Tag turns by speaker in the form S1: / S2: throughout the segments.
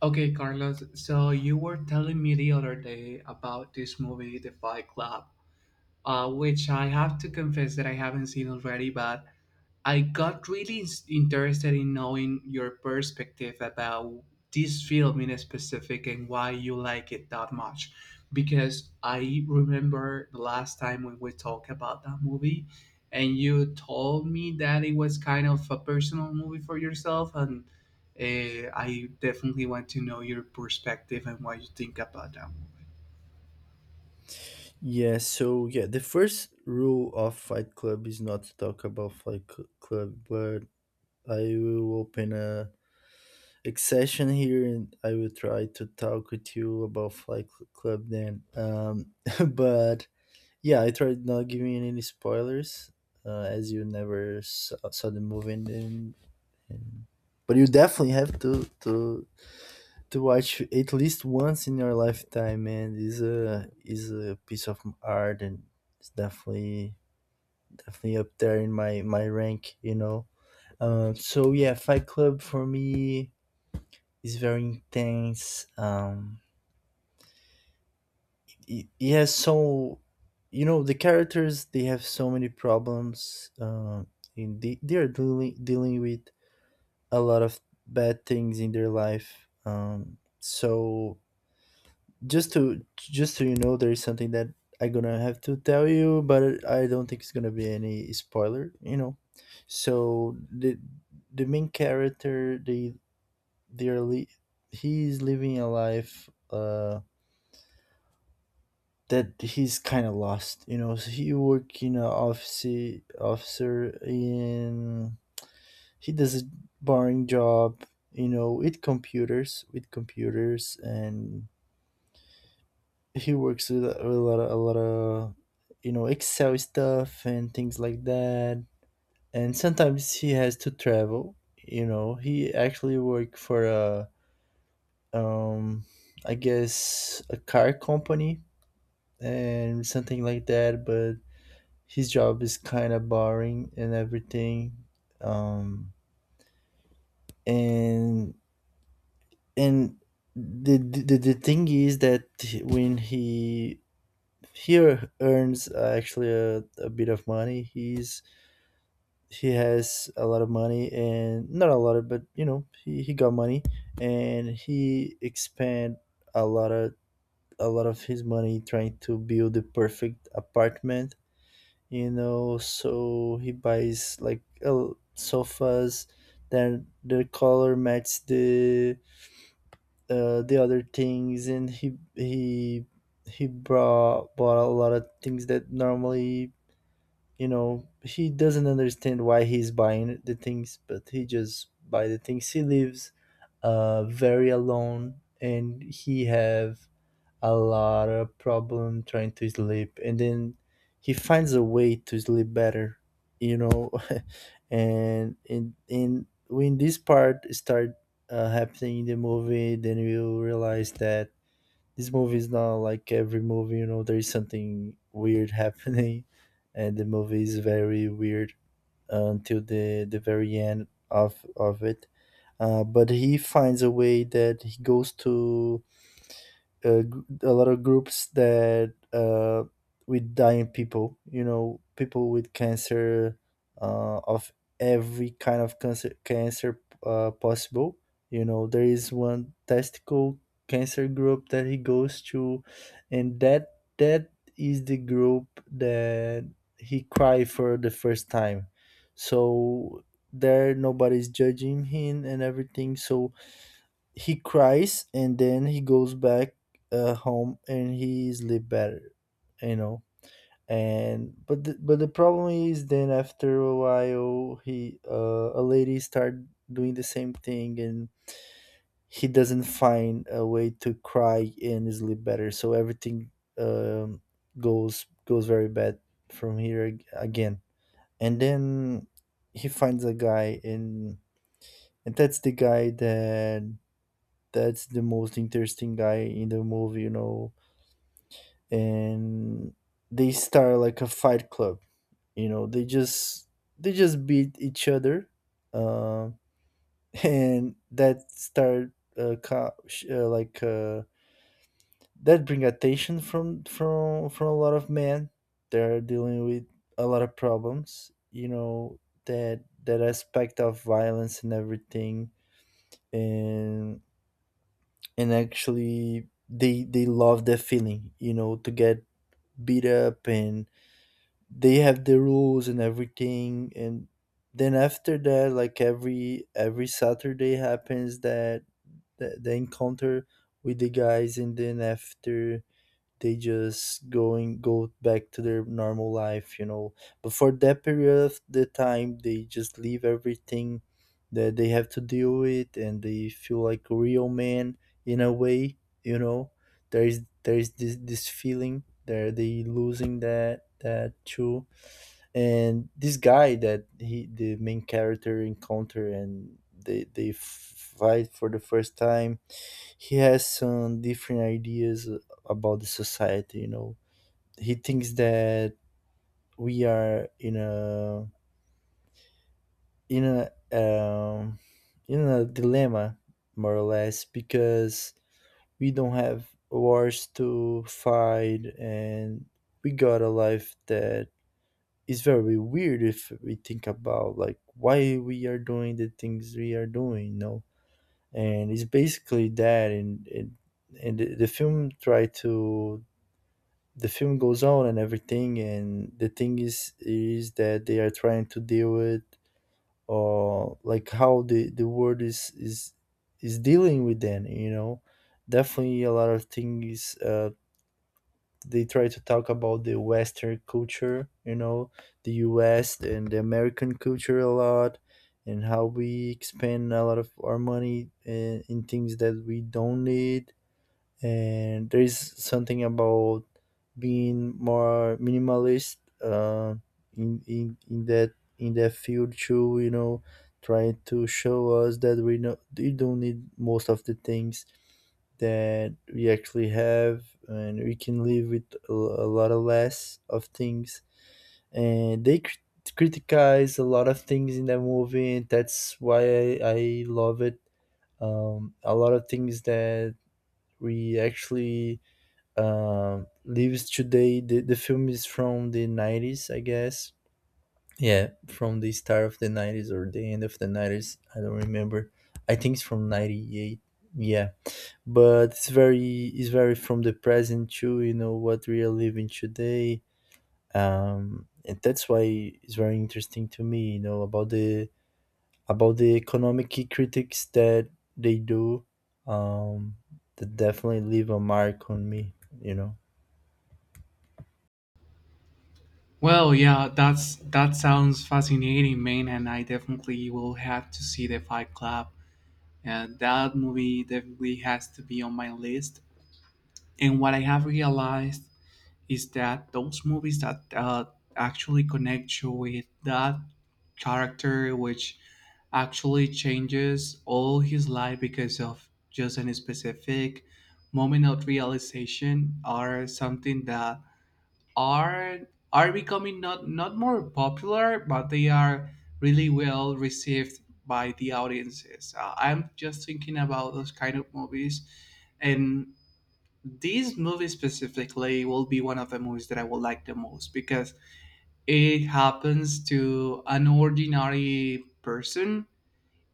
S1: Okay, Carlos. So you were telling me the other day about this movie, The Fight Club, which I have to confess that I haven't seen already, but I got really interested in knowing your perspective about this film in specific and why you like it that much. Because I remember the last time when we talked about that movie, and you told me that it was kind of a personal movie for yourself, and I definitely want to know your perspective and what you think about that movie.
S2: Yeah, so, the first rule of Fight Club is not to talk about Fight Club, but I will open a session here, and I will try to talk with you about Fight Club then. But yeah, I tried not giving any spoilers, as you never saw the movie, and but you definitely have to watch at least once in your lifetime. And is a piece of art, and it's definitely up there in my rank, you know. So yeah, Fight Club for me is very intense. It has so, you know, the characters, they have so many problems, and they are dealing with a lot of bad things in their life. So just to just so you know, there is something that I'm gonna have to tell you, but I don't think it's gonna be any spoiler, you know. So the main character, they're li- he's living a life, that he's kind of lost, you know. So he work in an office, officer in, he does a boring job, you know, with computers, and he works with with a lot of, a lot of, you know, Excel stuff and things like that. And sometimes he has to travel, you know. He actually worked for a, um I guess a car company and something like that, but his job is kind of boring and everything. Um and and The thing is that when he earns, actually a bit of money, he has a lot of money, and not a lot of, but you know, he got money, and he expand a lot of, his money trying to build the perfect apartment, you know. So he buys like, sofas, then the color matches the, the other things, and he brought bought a lot of things that normally, you know, he doesn't understand why he's buying the things, but he just buy the things. He lives very alone, and he have a lot of problem trying to sleep, and then he finds a way to sleep better, you know. And in when this part start happening in the movie, then you realize that this movie is not like every movie, you know. There is something weird happening, and the movie is very weird, until the very end of it. But he finds a way that he goes to, a lot of groups that, with dying people, you know, people with cancer, of every kind of cancer, possible, you know. There is one testicle cancer group that he goes to, and that is the group that he cried for the first time. So there nobody's judging him and everything, so he cries, and then he goes back, home, and he sleep better, you know. And but but the problem is, then after a while, he, a lady start doing the same thing, and he doesn't find a way to cry and sleep better. So everything, um, goes very bad from here, again. And then he finds a guy, and that's the guy that, that's the most interesting guy in the movie, you know. And they start like a fight club, you know. They just beat each other, uh, and that start, that bring attention from a lot of men. They're dealing with a lot of problems, you know. That that aspect of violence and everything, and actually they love that feeling, you know, to get beat up. And they have the rules and everything, and then after that, like every Saturday, happens that the encounter with the guys. And then after, they just going go back to their normal life, you know. But for that period of the time, they just leave everything that they have to deal with, and they feel like a real man, in a way, you know. There is this feeling there, they losing that too. And this guy that he the main character encounter, and they fight for the first time, he has some different ideas about the society, you know. He thinks that we are in a, in a um, in a dilemma, more or less, because we don't have wars to fight, and we got a life that is very weird, if we think about like why we are doing the things we are doing, you know. And it's basically that. And the film tried to, the film goes on and everything. And the thing is that they are trying to deal with, or like how the world is is dealing with them, you know. Definitely a lot of things, they try to talk about the Western culture, you know, the US and the American culture a lot, and how we spend a lot of our money in things that we don't need. And there is something about being more minimalist, uh, in, that, in that field too, you know, trying to show us that we know we don't need most of the things that we actually have, and we can live with a lot of less of things. And criticize a lot of things in that movie, and that's why I love it. Um, a lot of things that we actually, lives today. The film is from the 90s, I guess. Yeah, from the start of the 90s or the end of the 90s. I don't remember. I think it's from 98. Yeah. But it's very from the present too, you know, what we are living today. Um, and that's why it's very interesting to me, you know, about the, about the economic critics that they do. Um, that definitely leave a mark on me, you know.
S1: Well, yeah, that sounds fascinating, man, and I definitely will have to see the Fight Club. Yeah, that movie definitely has to be on my list. And what I have realized is that those movies that actually connect you with that character, which actually changes all his life because of just any specific moment of realization, are something that are are becoming not more popular, but they are really well received by the audiences. I'm just thinking about those kind of movies, and these movies specifically will be one of the movies that I will like the most because it happens to an ordinary person,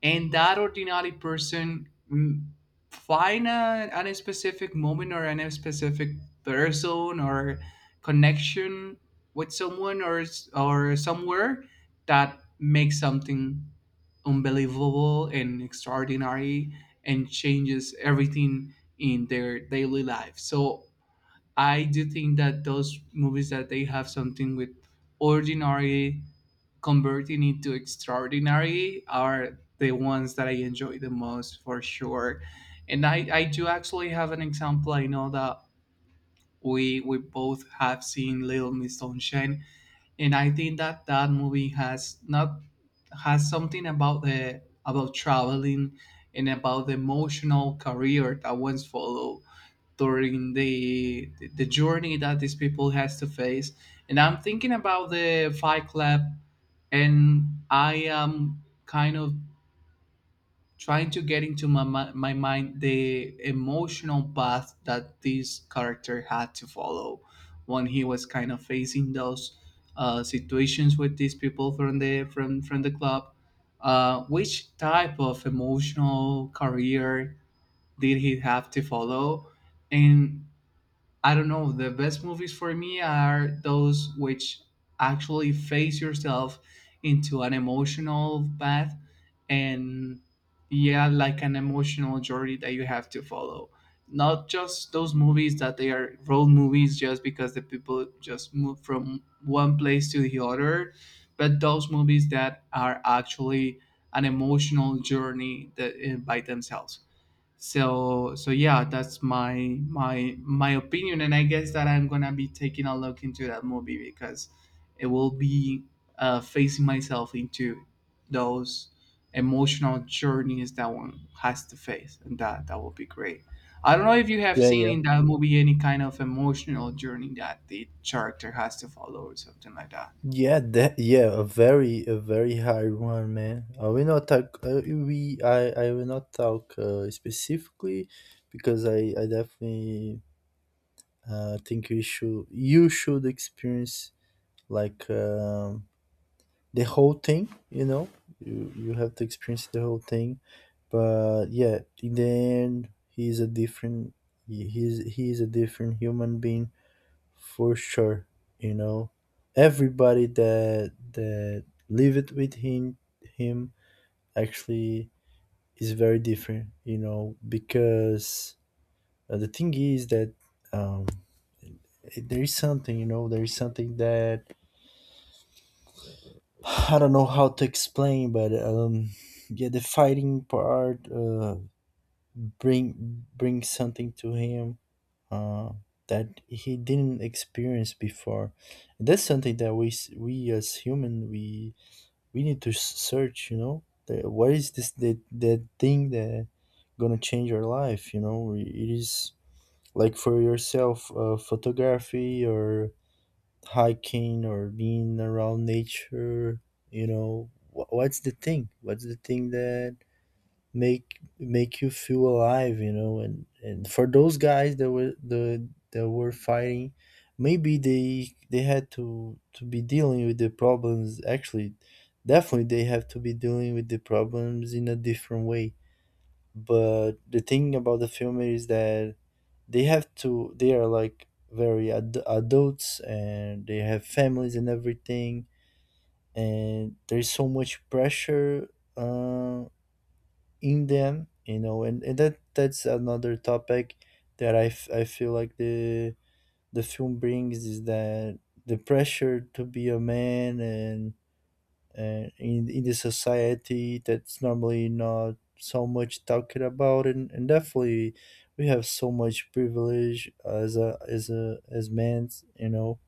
S1: and that ordinary person find any specific moment or any specific person or connection with someone or or somewhere that makes something unbelievable and extraordinary, and changes everything in their daily life. So I do think that those movies that they have something with ordinary converting into extraordinary are the ones that I enjoy the most for sure. And I do actually have an example. I know that we both have seen Little Miss Sunshine, and I think that that movie has not has something about the about traveling, and about the emotional career that one's follow during the journey that these people has to face. And I'm thinking about the Fight Club, and I am kind of trying to get into my, my mind the emotional path that this character had to follow when he was kind of facing those situations with these people from the club. Which type of emotional career did he have to follow? And I don't know. The best movies for me are those which actually face yourself into an emotional path, and yeah, like an emotional journey that you have to follow. Not just those movies that they are road movies just because the people just move from one place to the other, but those movies that are actually an emotional journey that, by themselves. So yeah, that's my my opinion, and I guess that I'm gonna be taking a look into that movie because it will be facing myself into those emotional journeys that one has to face, and that that will be great. I don't know if you have
S2: Yeah,
S1: seen
S2: yeah
S1: in that movie any kind of emotional journey that the character has to follow or something like that.
S2: yeah that yeah, a very, a very hard one, man. I will not talk, we I will not talk, specifically, because I definitely, think you should experience, like, the whole thing, you know. You have to experience the whole thing. But yeah, in the end, he's a different human being, for sure, you know. Everybody that that lived with him actually is very different, you know. Because, the thing is that, um there is something, you know, there is something that I don't know how to explain, but, yeah, the fighting part, brings something to him, uh, that he didn't experience before. That's something that we, we as human, we need to, search. You know, the, what is this, that thing that gonna change our life? You know, it is, like, for yourself, photography, or hiking, or being around nature. You know, Wh- what's the thing? What's the thing that make you feel alive, you know? And for those guys that were the, that were fighting, maybe they had to be dealing with the problems, actually, definitely they have to be dealing with the problems in a different way. But the thing about the film is that they have to, they are like very, adults, and they have families and everything, and there's so much pressure Uh in them, you know. And that that's another topic that I feel like the film brings, is that the pressure to be a man, and in the society, that's normally not so much talked about. And definitely we have so much privilege as a as men, you know.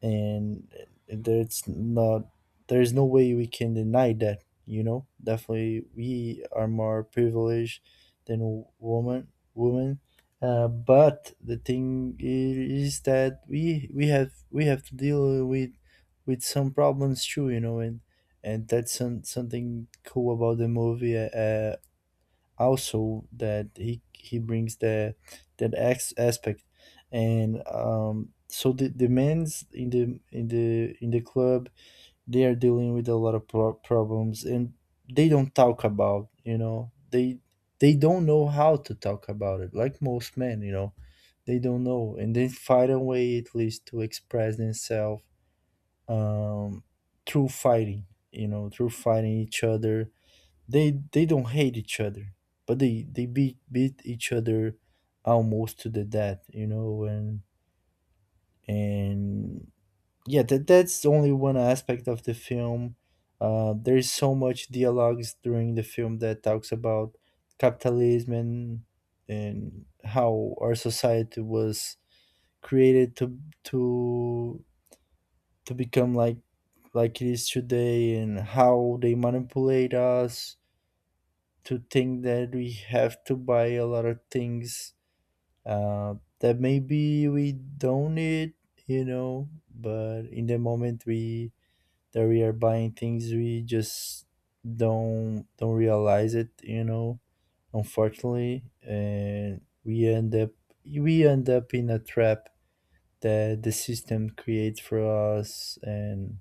S2: And there's not There's no way we can deny that, you know. Definitely we are more privileged than woman, women, but the thing is that we have to deal with some problems too, you know. And that's some, something cool about the movie, also, that he brings the, that ex aspect. And, so the men's in the in the club, they are dealing with a lot of problems, and they don't talk about, you know. They don't know how to talk about it, like most men, you know. They don't know, and they find a way, at least, to express themselves, um through fighting, you know, through fighting each other. They don't hate each other, but they beat each other almost to the death, you know. And and yeah, that's only one aspect of the film. There's so much dialogues during the film that talks about capitalism and how our society was created to become like it is today, and how they manipulate us to think that we have to buy a lot of things, uh, that maybe we don't need, you know, but in the moment we that we are buying things, we just don't realize it, you know, unfortunately, and we end up in a trap that the system creates for us. And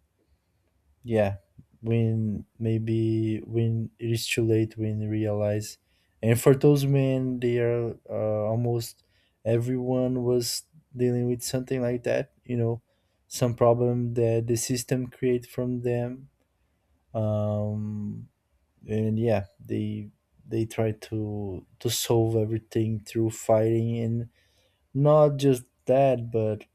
S2: yeah, when maybe when it is too late, when you realize, and for those men, they are almost everyone was dealing with something like that. You know, some problem that the system create from them. Um, and yeah, they try to solve everything through fighting, and not just that, but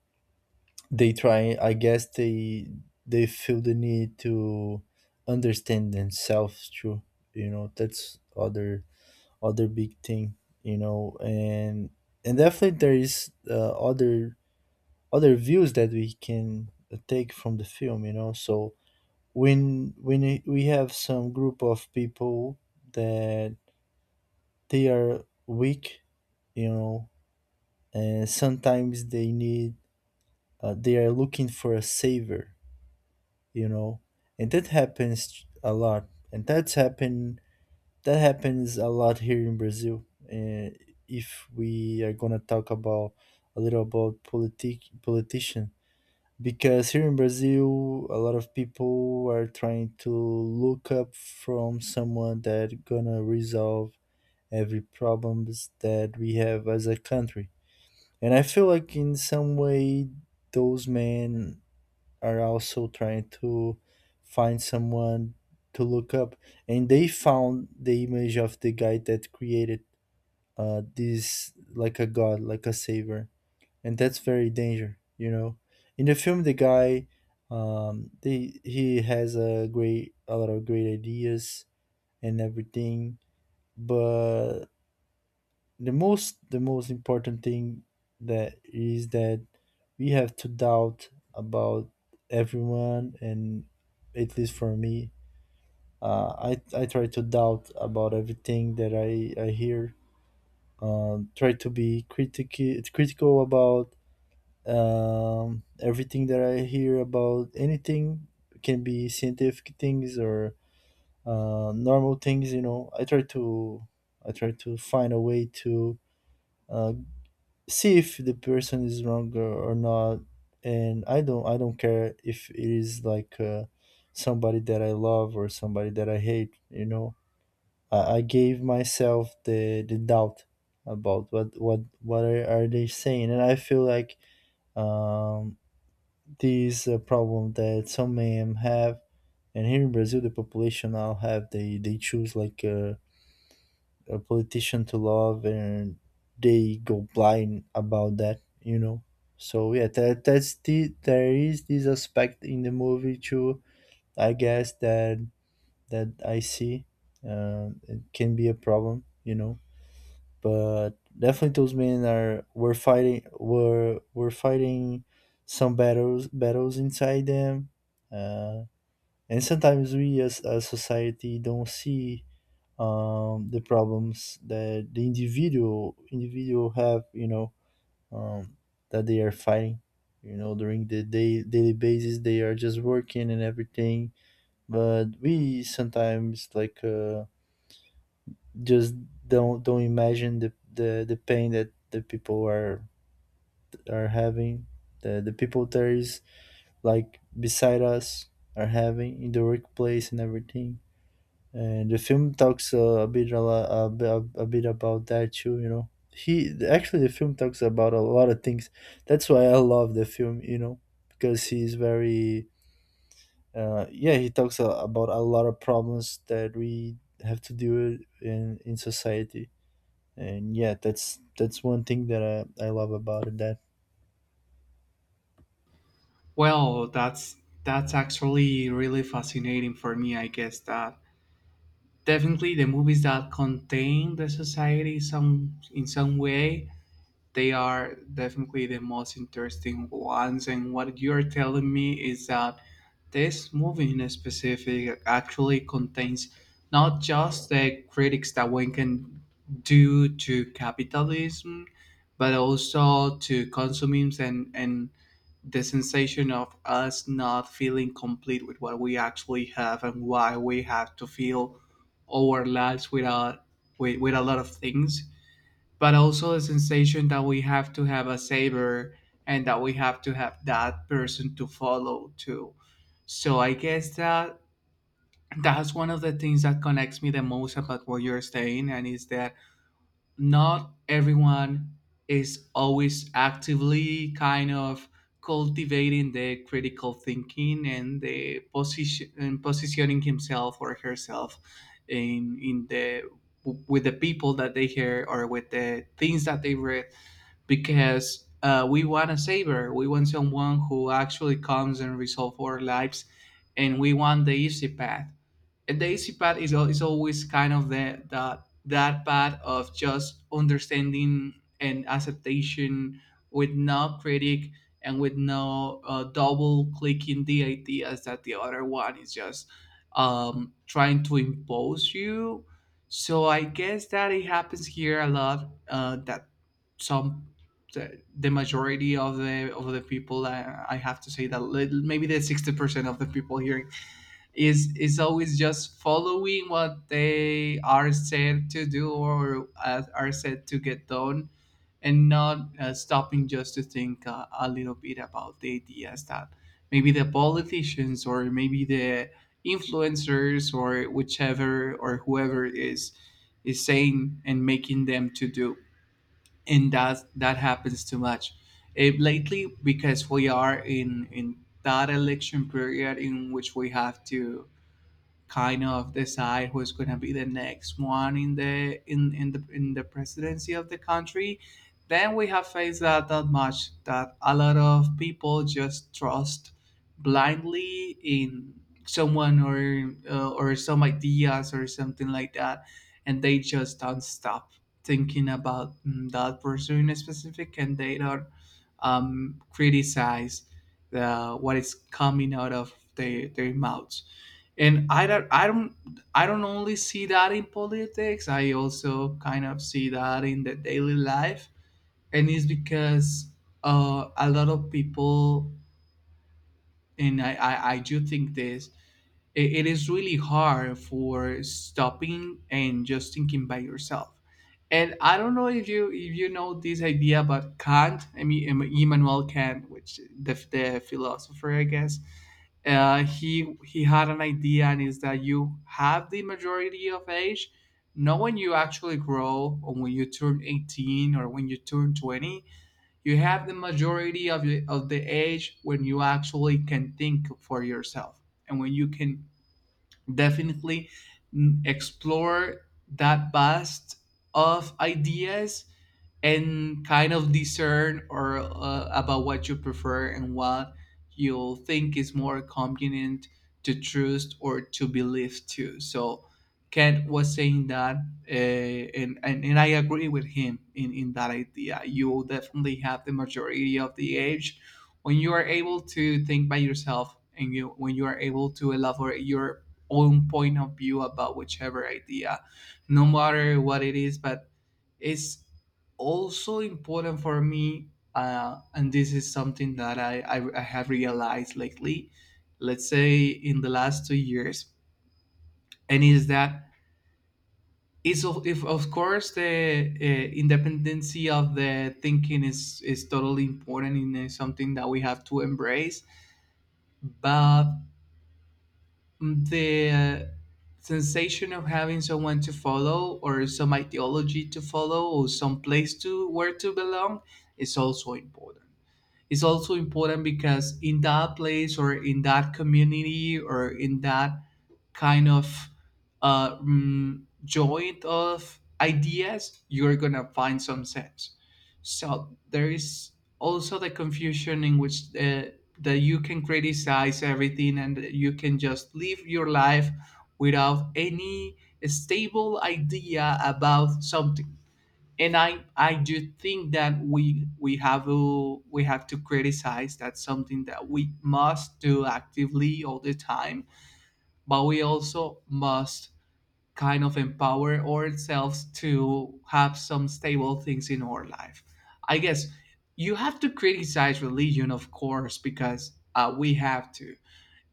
S2: they try I guess they feel the need to understand themselves too, you know. That's other big thing, you know. And definitely there is other views that we can take from the film, you know. So we have some group of people that they are weak, you know, and sometimes they need, they are looking for a savior, you know. And that happens a lot, and that happens a lot here in Brazil. And if we are going to talk about a little about politician, because here in Brazil a lot of people are trying to look up from someone that gonna resolve every problems that we have as a country. And I feel like in some way those men are also trying to find someone to look up, and they found the image of the guy that created, this like a god, like a savior, and that's very danger, you know. In the film, the guy, they he has a great a lot of great ideas and everything, but the most important thing that is that we have to doubt about everyone. And at least for me, uh, I try to doubt about everything that I hear, try to be critical about, everything that I hear about anything. It can be scientific things or, normal things, you know. I try to find a way to, uh, see if the person is wrong or not. And I don't care if it is like, somebody that I love or somebody that I hate, you know. I gave myself the doubt about what are they saying. And I feel like, um this a problem that some men have. And here in Brazil the population now have, they choose like, a politician to love, and they go blind about that, you know. So yeah, that's there is this aspect in the movie too, I guess, that I see. It can be a problem, you know. But definitely those men are were fighting, were fighting some battles inside them. uh and sometimes we as a society don't see, the problems that the individual have, you know. um, that they are fighting, you know, during the day daily basis. They are just working and everything, but we sometimes like, just don't imagine the, the pain that the people are having, the people there is like beside us are having in the workplace and everything. And the film talks a bit a, lo- a bit about that too, you know. He actually The film talks about a lot of things. That's why I love the film, you know. Because he's very, yeah, he talks about a lot of problems that we have to deal with in society. And yeah, that's one thing that I love about it. That
S1: Well, that's actually really fascinating for me. I guess that definitely the movies that contain the society some in some way, they are definitely the most interesting ones. And what you're telling me is that this movie in specific actually contains not just the critics that one can do to capitalism, but also to consumism, and the sensation of us not feeling complete with what we actually have, and why we have to feel our lives without with, with a lot of things, but also the sensation that we have to have a saber, and that we have to have that person to follow too. So I guess that that's one of the things that connects me the most about what you're saying, and is that not everyone is always actively kind of cultivating the critical thinking and the position and positioning himself or herself in the with the people that they hear, or with the things that they read, because we want a saver. We want someone who actually comes and resolves our lives, and we want the easy path, and the easy path is always kind of the, that path of just understanding and acceptation, with no critic and with no double clicking the ideas that the other one is just trying to impose you. So I guess that it happens here a lot, that some the majority of the people, I have to say that maybe the 60% of the people here in is always just following what they are said to do, or are said to get done, and not stopping just to think a little bit about the ideas that maybe the politicians, or maybe the influencers, or whichever or whoever is saying and making them to do. And that that happens too much lately, because we are in that election period in which we have to kind of decide who's going to be the next one in the presidency of the country. Then we have faced that that much that a lot of people just trust blindly in someone, or some ideas, or something like that, and they just don't stop thinking about that person in specific, and they don't criticize the what is coming out of their mouths. And I don't only see that in politics. I also kind of see that in the daily life, and it's because a lot of people, and I do think this, it is really hard for stopping and just thinking by yourself. And I don't know if you know this idea about Kant, I mean Immanuel Kant, which the philosopher, I guess. He had an idea, and is that you have the majority of age, not when you actually grow, or when you turn 18, or when you turn 20, you have the majority of the age when you actually can think for yourself, and when you can definitely explore that vast of ideas, and kind of discern or about what you prefer and what you'll think is more convenient to trust or to believe to. So Kent was saying that, and, and I agree with him in that idea. You will definitely have the majority of the age when you are able to think by yourself, and you when you are able to elaborate your own point of view about whichever idea, no matter what it is. But it's also important for me, and this is something that I have realized lately, let's say in the last 2 years, and is that is of, if of course the independency of the thinking is totally important, and is something that we have to embrace. But the sensation of having someone to follow, or some ideology to follow, or some place to where to belong is also important is also important, because in that place, or in that community, or in that kind of joint of ideas, you're gonna find some sense. So there is also the confusion in which that you can criticize everything and you can just live your life without any stable idea about something. And I do think that we have to we have to criticize. That's something that we must do actively all the time. But we also must kind of empower ourselves to have some stable things in our life. I guess you have to criticize religion, of course, because we have to,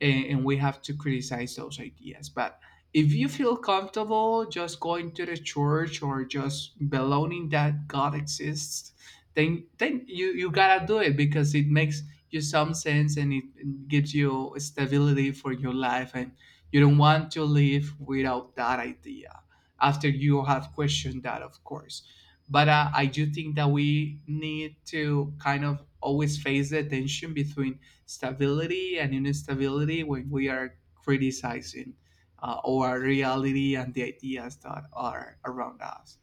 S1: and we have to criticize those ideas. But if you feel comfortable just going to the church, or just believing that God exists, then you gotta do it, because it makes you some sense, and it gives you stability for your life, and you don't want to live without that idea after you have questioned that, of course. But I do think that we need to kind of always face the tension between stability and instability when we are criticizing our reality and the ideas that are around us.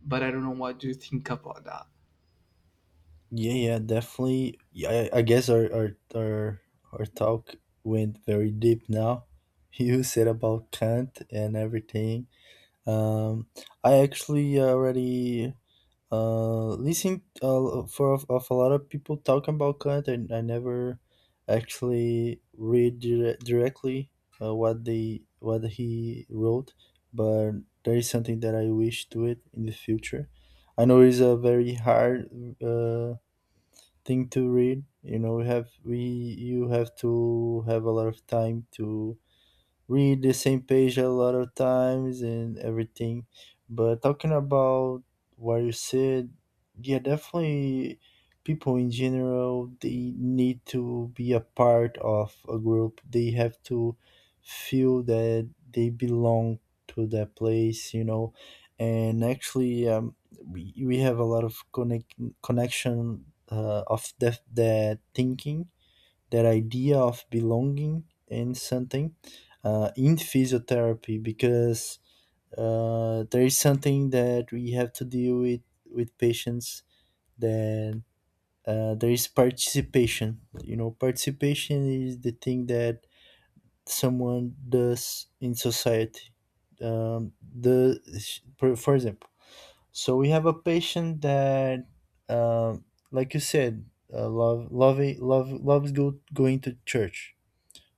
S1: But I don't know what you think about that.
S2: Yeah, yeah, definitely. Yeah, I guess our talk went very deep now. You said about Kant and everything. Um, I actually already listened, of a lot of people talking about Kant, and I never actually read directly, what he wrote, but there is something that I wish to it in the future. I know it's a very hard, uh thing to read. You know, we have we you have to have a lot of time to read the same page a lot of times and everything. But talking about what you said, yeah, definitely people in general, they need to be a part of a group. They have to feel that they belong to that place, you know. And actually, we have a lot of connection of that thinking, that idea of belonging in something, in physiotherapy. Because there is something that we have to deal with patients, that there is participation, you know. Participation is the thing that someone does in society. Um, the For example, so we have a patient that, um, like you said, love going to church.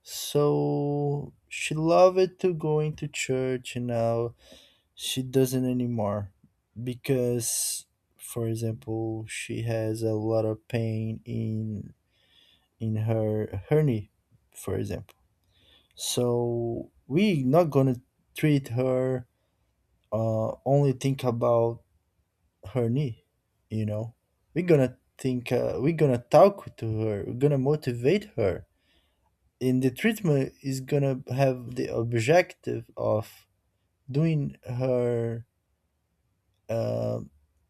S2: So she loved to going to church, and now she doesn't anymore, because for example she has a lot of pain in her knee, for example. So we not gonna treat her, only think about her knee, you know. We're gonna think, we're gonna talk to her, we're gonna motivate her, in the treatment is gonna have the objective of doing her, uh,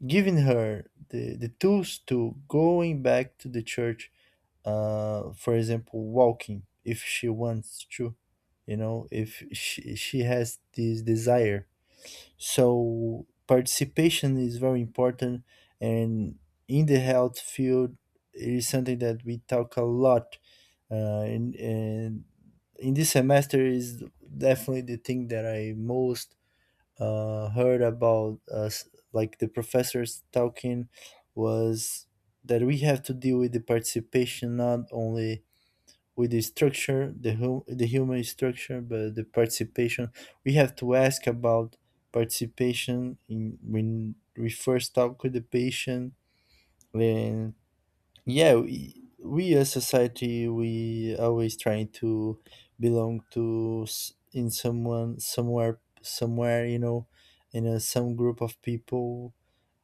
S2: giving her the tools to going back to the church, for example, walking, if she wants to, you know, if she has this desire. So participation is very important. And in the health field, it is something that we talk a lot, uh, and in this semester is definitely the thing that I most, heard about us, like the professors talking, was that we have to deal with the participation not only with the structure, the human structure, but the participation. We have to ask about participation in when we first talk with the patient. Yeah, we as society we always trying to belong to s- in someone somewhere somewhere, you know. In some group of people.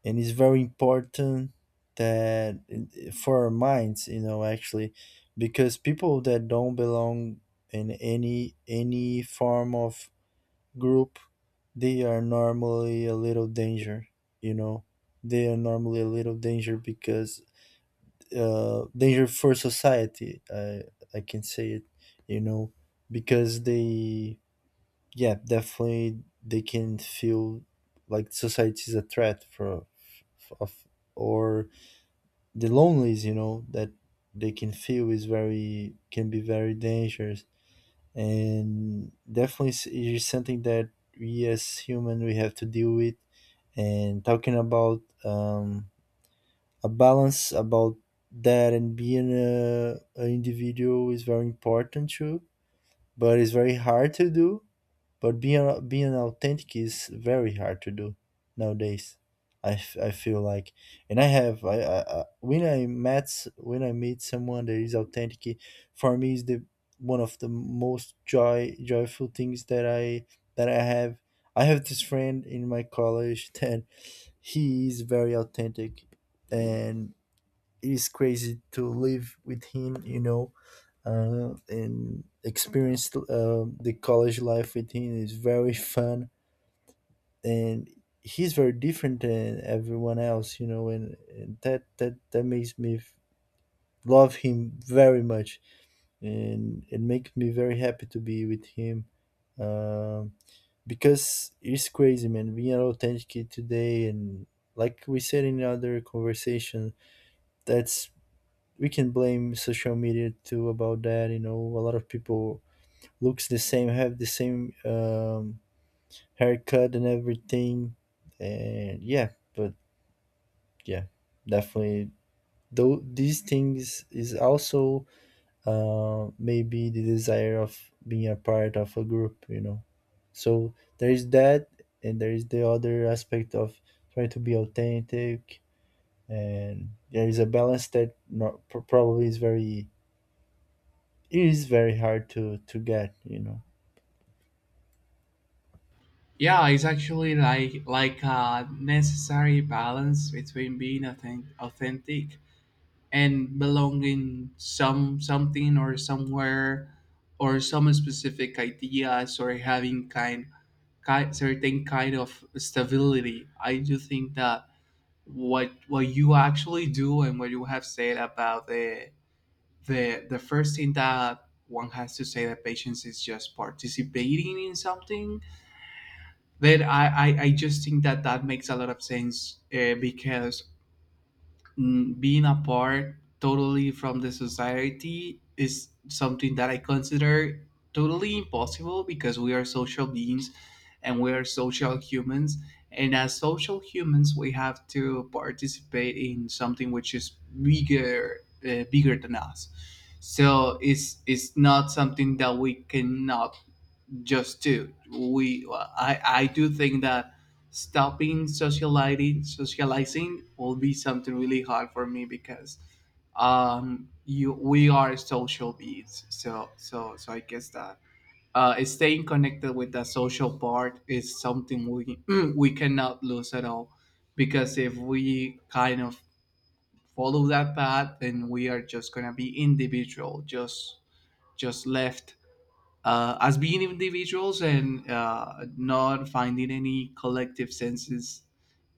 S2: And it's very important that for our minds, you know, actually. Because people that don't belong in any form of group, they are normally a little danger, you know. They are normally a little danger, because, danger for society. I can say it, you know, because they, yeah, definitely, they can feel like society is a threat for, of, or the loneliness, you know, that they can feel is very, can be very dangerous. And definitely is, it is something that we as human we have to deal with. And talking about, a balance about that, and being a, an individual is very important too, but it's very hard to do. But being authentic is very hard to do nowadays, I feel like. And I when when I meet someone that is authentic, for me is the one of the most joyful things that I have. I have this friend in my college that he is very authentic. And is crazy to live with him, you know, and experience the college life with him is very fun. And he's very different than everyone else, you know. And that makes me love him very much, and it makes me very happy to be with him. Um, because it's crazy, man. Being an authentic kid today, and like we said in other conversation, that's, we can blame social media too about that. You know, a lot of people looks the same, have the same, haircut and everything, and yeah, but yeah, definitely. Though these things is also, maybe the desire of being a part of a group, you know. So there is that, and there is the other aspect of trying to be authentic, and there is a balance that, not, probably is very, it is very hard to get, you know.
S1: Yeah, it's actually like a necessary balance between being authentic and belonging something or somewhere, or some specific ideas, or having kind, kind certain kind of stability. I do think that what you actually do and what you have said about the first thing that one has to say that patience is just participating in something, then I just think that that makes a lot of sense, because being apart totally from the society is something that I consider totally impossible because we are social beings and we are social humans. And as social humans, we have to participate in something which is bigger, bigger than us. So it's not something that we cannot just do. We I do think that stopping socializing will be something really hard for me because you we are social beings, so I guess that staying connected with the social part is something we we cannot lose at all, because if we kind of follow that path, then we are just gonna be individual, just left as being individuals, and not finding any collective senses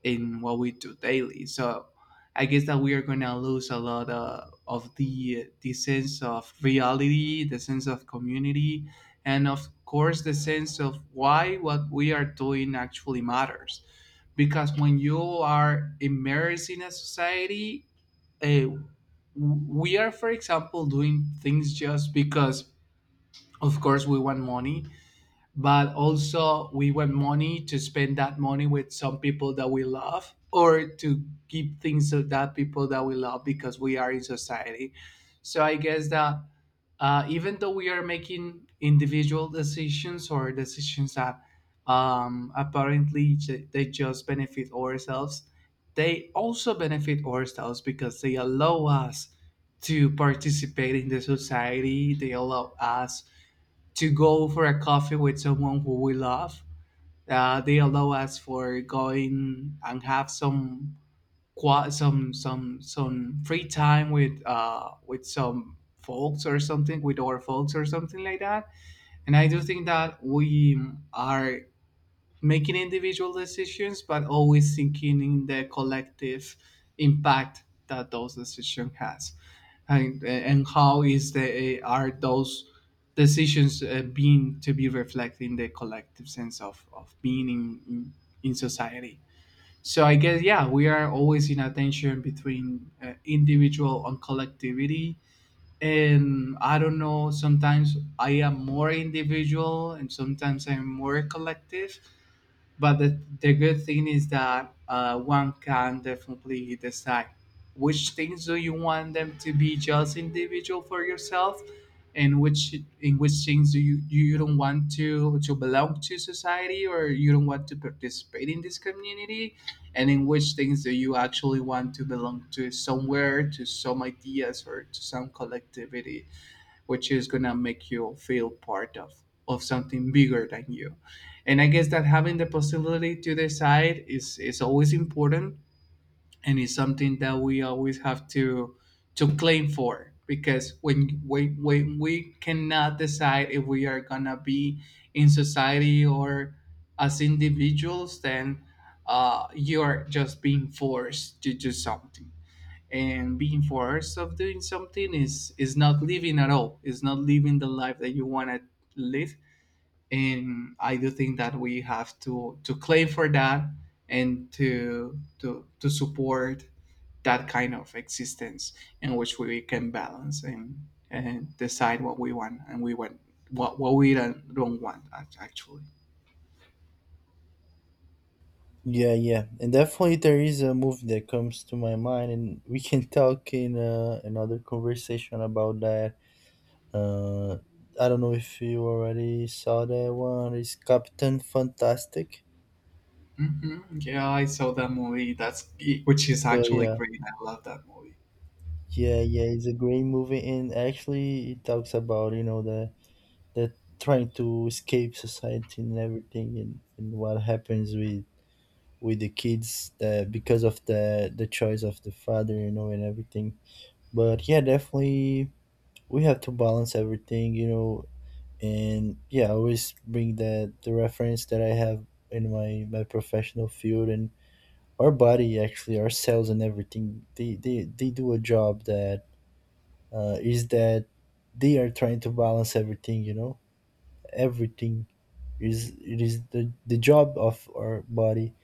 S1: in what we do daily. So I guess that we are going to lose a lot, of the sense of reality, the sense of community, and of course the sense of why what we are doing actually matters. Because when you are immersed in a society, uh, we are, for example, doing things just because, of course, we want money, but also we want money to spend that money with some people that we love, or to give things to that people that we love, because we are in society. So I guess that even though we are making individual decisions, or decisions that apparently j- they just benefit ourselves, they also benefit ourselves because they allow us to participate in the society, they allow us to go for a coffee with someone who we love. They allow us for going and have some some free time with some folks, or something with our folks or something like that. And I do think that we are making individual decisions, but always thinking in the collective impact that those decisions has, and how is the are those decisions being to be reflected in the collective sense of being in society. So I guess, yeah, we are always in a tension between, individual and collectivity. And I don't know. Sometimes I am more individual, and sometimes I'm more collective, but the good thing is that, one can definitely decide which things do you want them to be just individual for yourself, and which in which things do you don't want to belong to society, or you don't want to participate in this community, and in which things do you actually want to belong to somewhere, to some ideas or to some collectivity, which is gonna make you feel part of something bigger than you. And I guess that having the possibility to decide is always important, and is something that we always have to claim for, because when we cannot decide if we are gonna be in society or as individuals, then, you are just being forced to do something, and being forced of doing something is not living at all, it's not living the life that you want to live. And I do think that we have to claim for that, and to to support that kind of existence in which we can balance, and decide what we want and we want what we don't want act- actually.
S2: Yeah, yeah, and definitely there is a movie that comes to my mind, and we can talk in, another conversation about that. Uh, I don't know if you already saw that one. It's Captain Fantastic.
S1: Hmm, yeah, I saw that movie, that's which is
S2: So
S1: actually
S2: yeah,
S1: great, I love that movie.
S2: yeah, it's a great movie, and actually it talks about, you know, the the trying to escape society and everything, and what happens with the kids, because of the choice of the father, you know, and everything. But yeah, definitely we have to balance everything, you know. And yeah, I always bring the reference that I have in my professional field. And our body, actually our cells and everything, they do a job that, is that they are trying to balance everything, you know. Everything is the job of our body,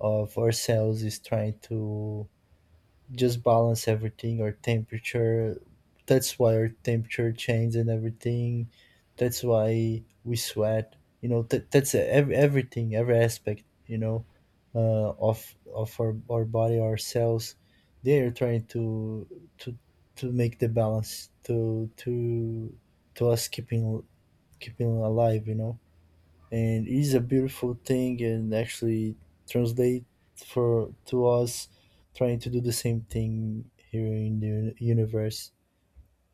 S2: of our cells, is trying to just balance everything, our temperature. That's why our temperature changes and everything, that's why we sweat, you know. Everything, every aspect, you know, of our body, our cells, they are trying to to make the balance, to us keeping alive, you know. And it is a beautiful thing, and actually translate for to us trying to do the same thing here in the universe.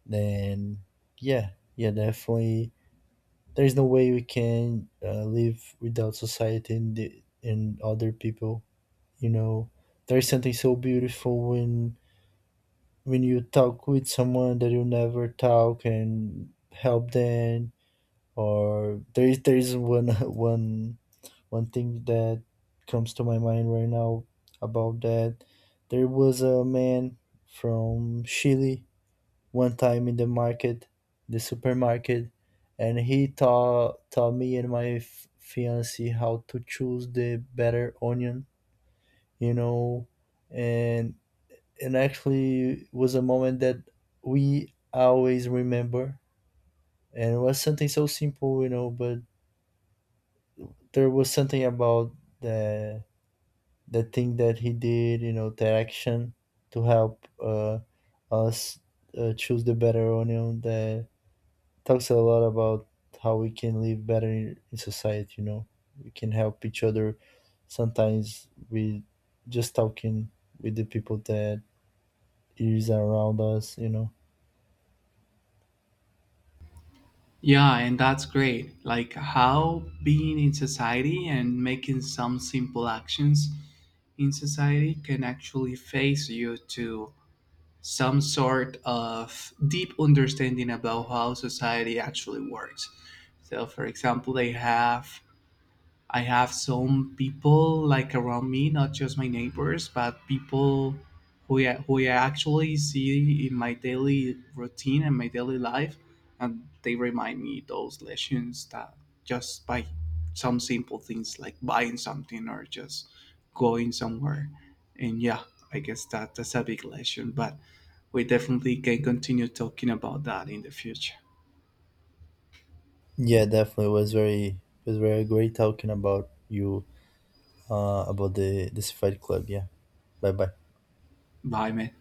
S2: Then yeah, yeah, definitely, there's no way we can, live without society and, the, and other people, you know. There's something so beautiful when you talk with someone that you never talk and help them. Or there is, there is one one one thing that comes to my mind right now about that. There was a man from Chile one time in the market, the supermarket, and he taught me and my fiance how to choose the better onion, you know. and and actually was a moment that we always remember, and it was something so simple, you know, but there was something about the the thing that he did, you know, the action to help, us, choose the better onion, that talks a lot about how we can live better in society, you know. We can help each other sometimes with just talking with the people that is around us, you know.
S1: Yeah, and that's great. Like how being in society and making some simple actions in society can actually face you to some sort of deep understanding about how society actually works. So, for example, they have I have some people like around me, not just my neighbors, but people who I actually see in my daily routine and my daily life, and they remind me those lessons that just by some simple things like buying something or just going somewhere. And yeah, I guess that that's a big lesson, but we definitely can continue talking about that in the future.
S2: Yeah, definitely. It was very great talking about you about the Fight Club. Yeah. Bye bye.
S1: Bye, man.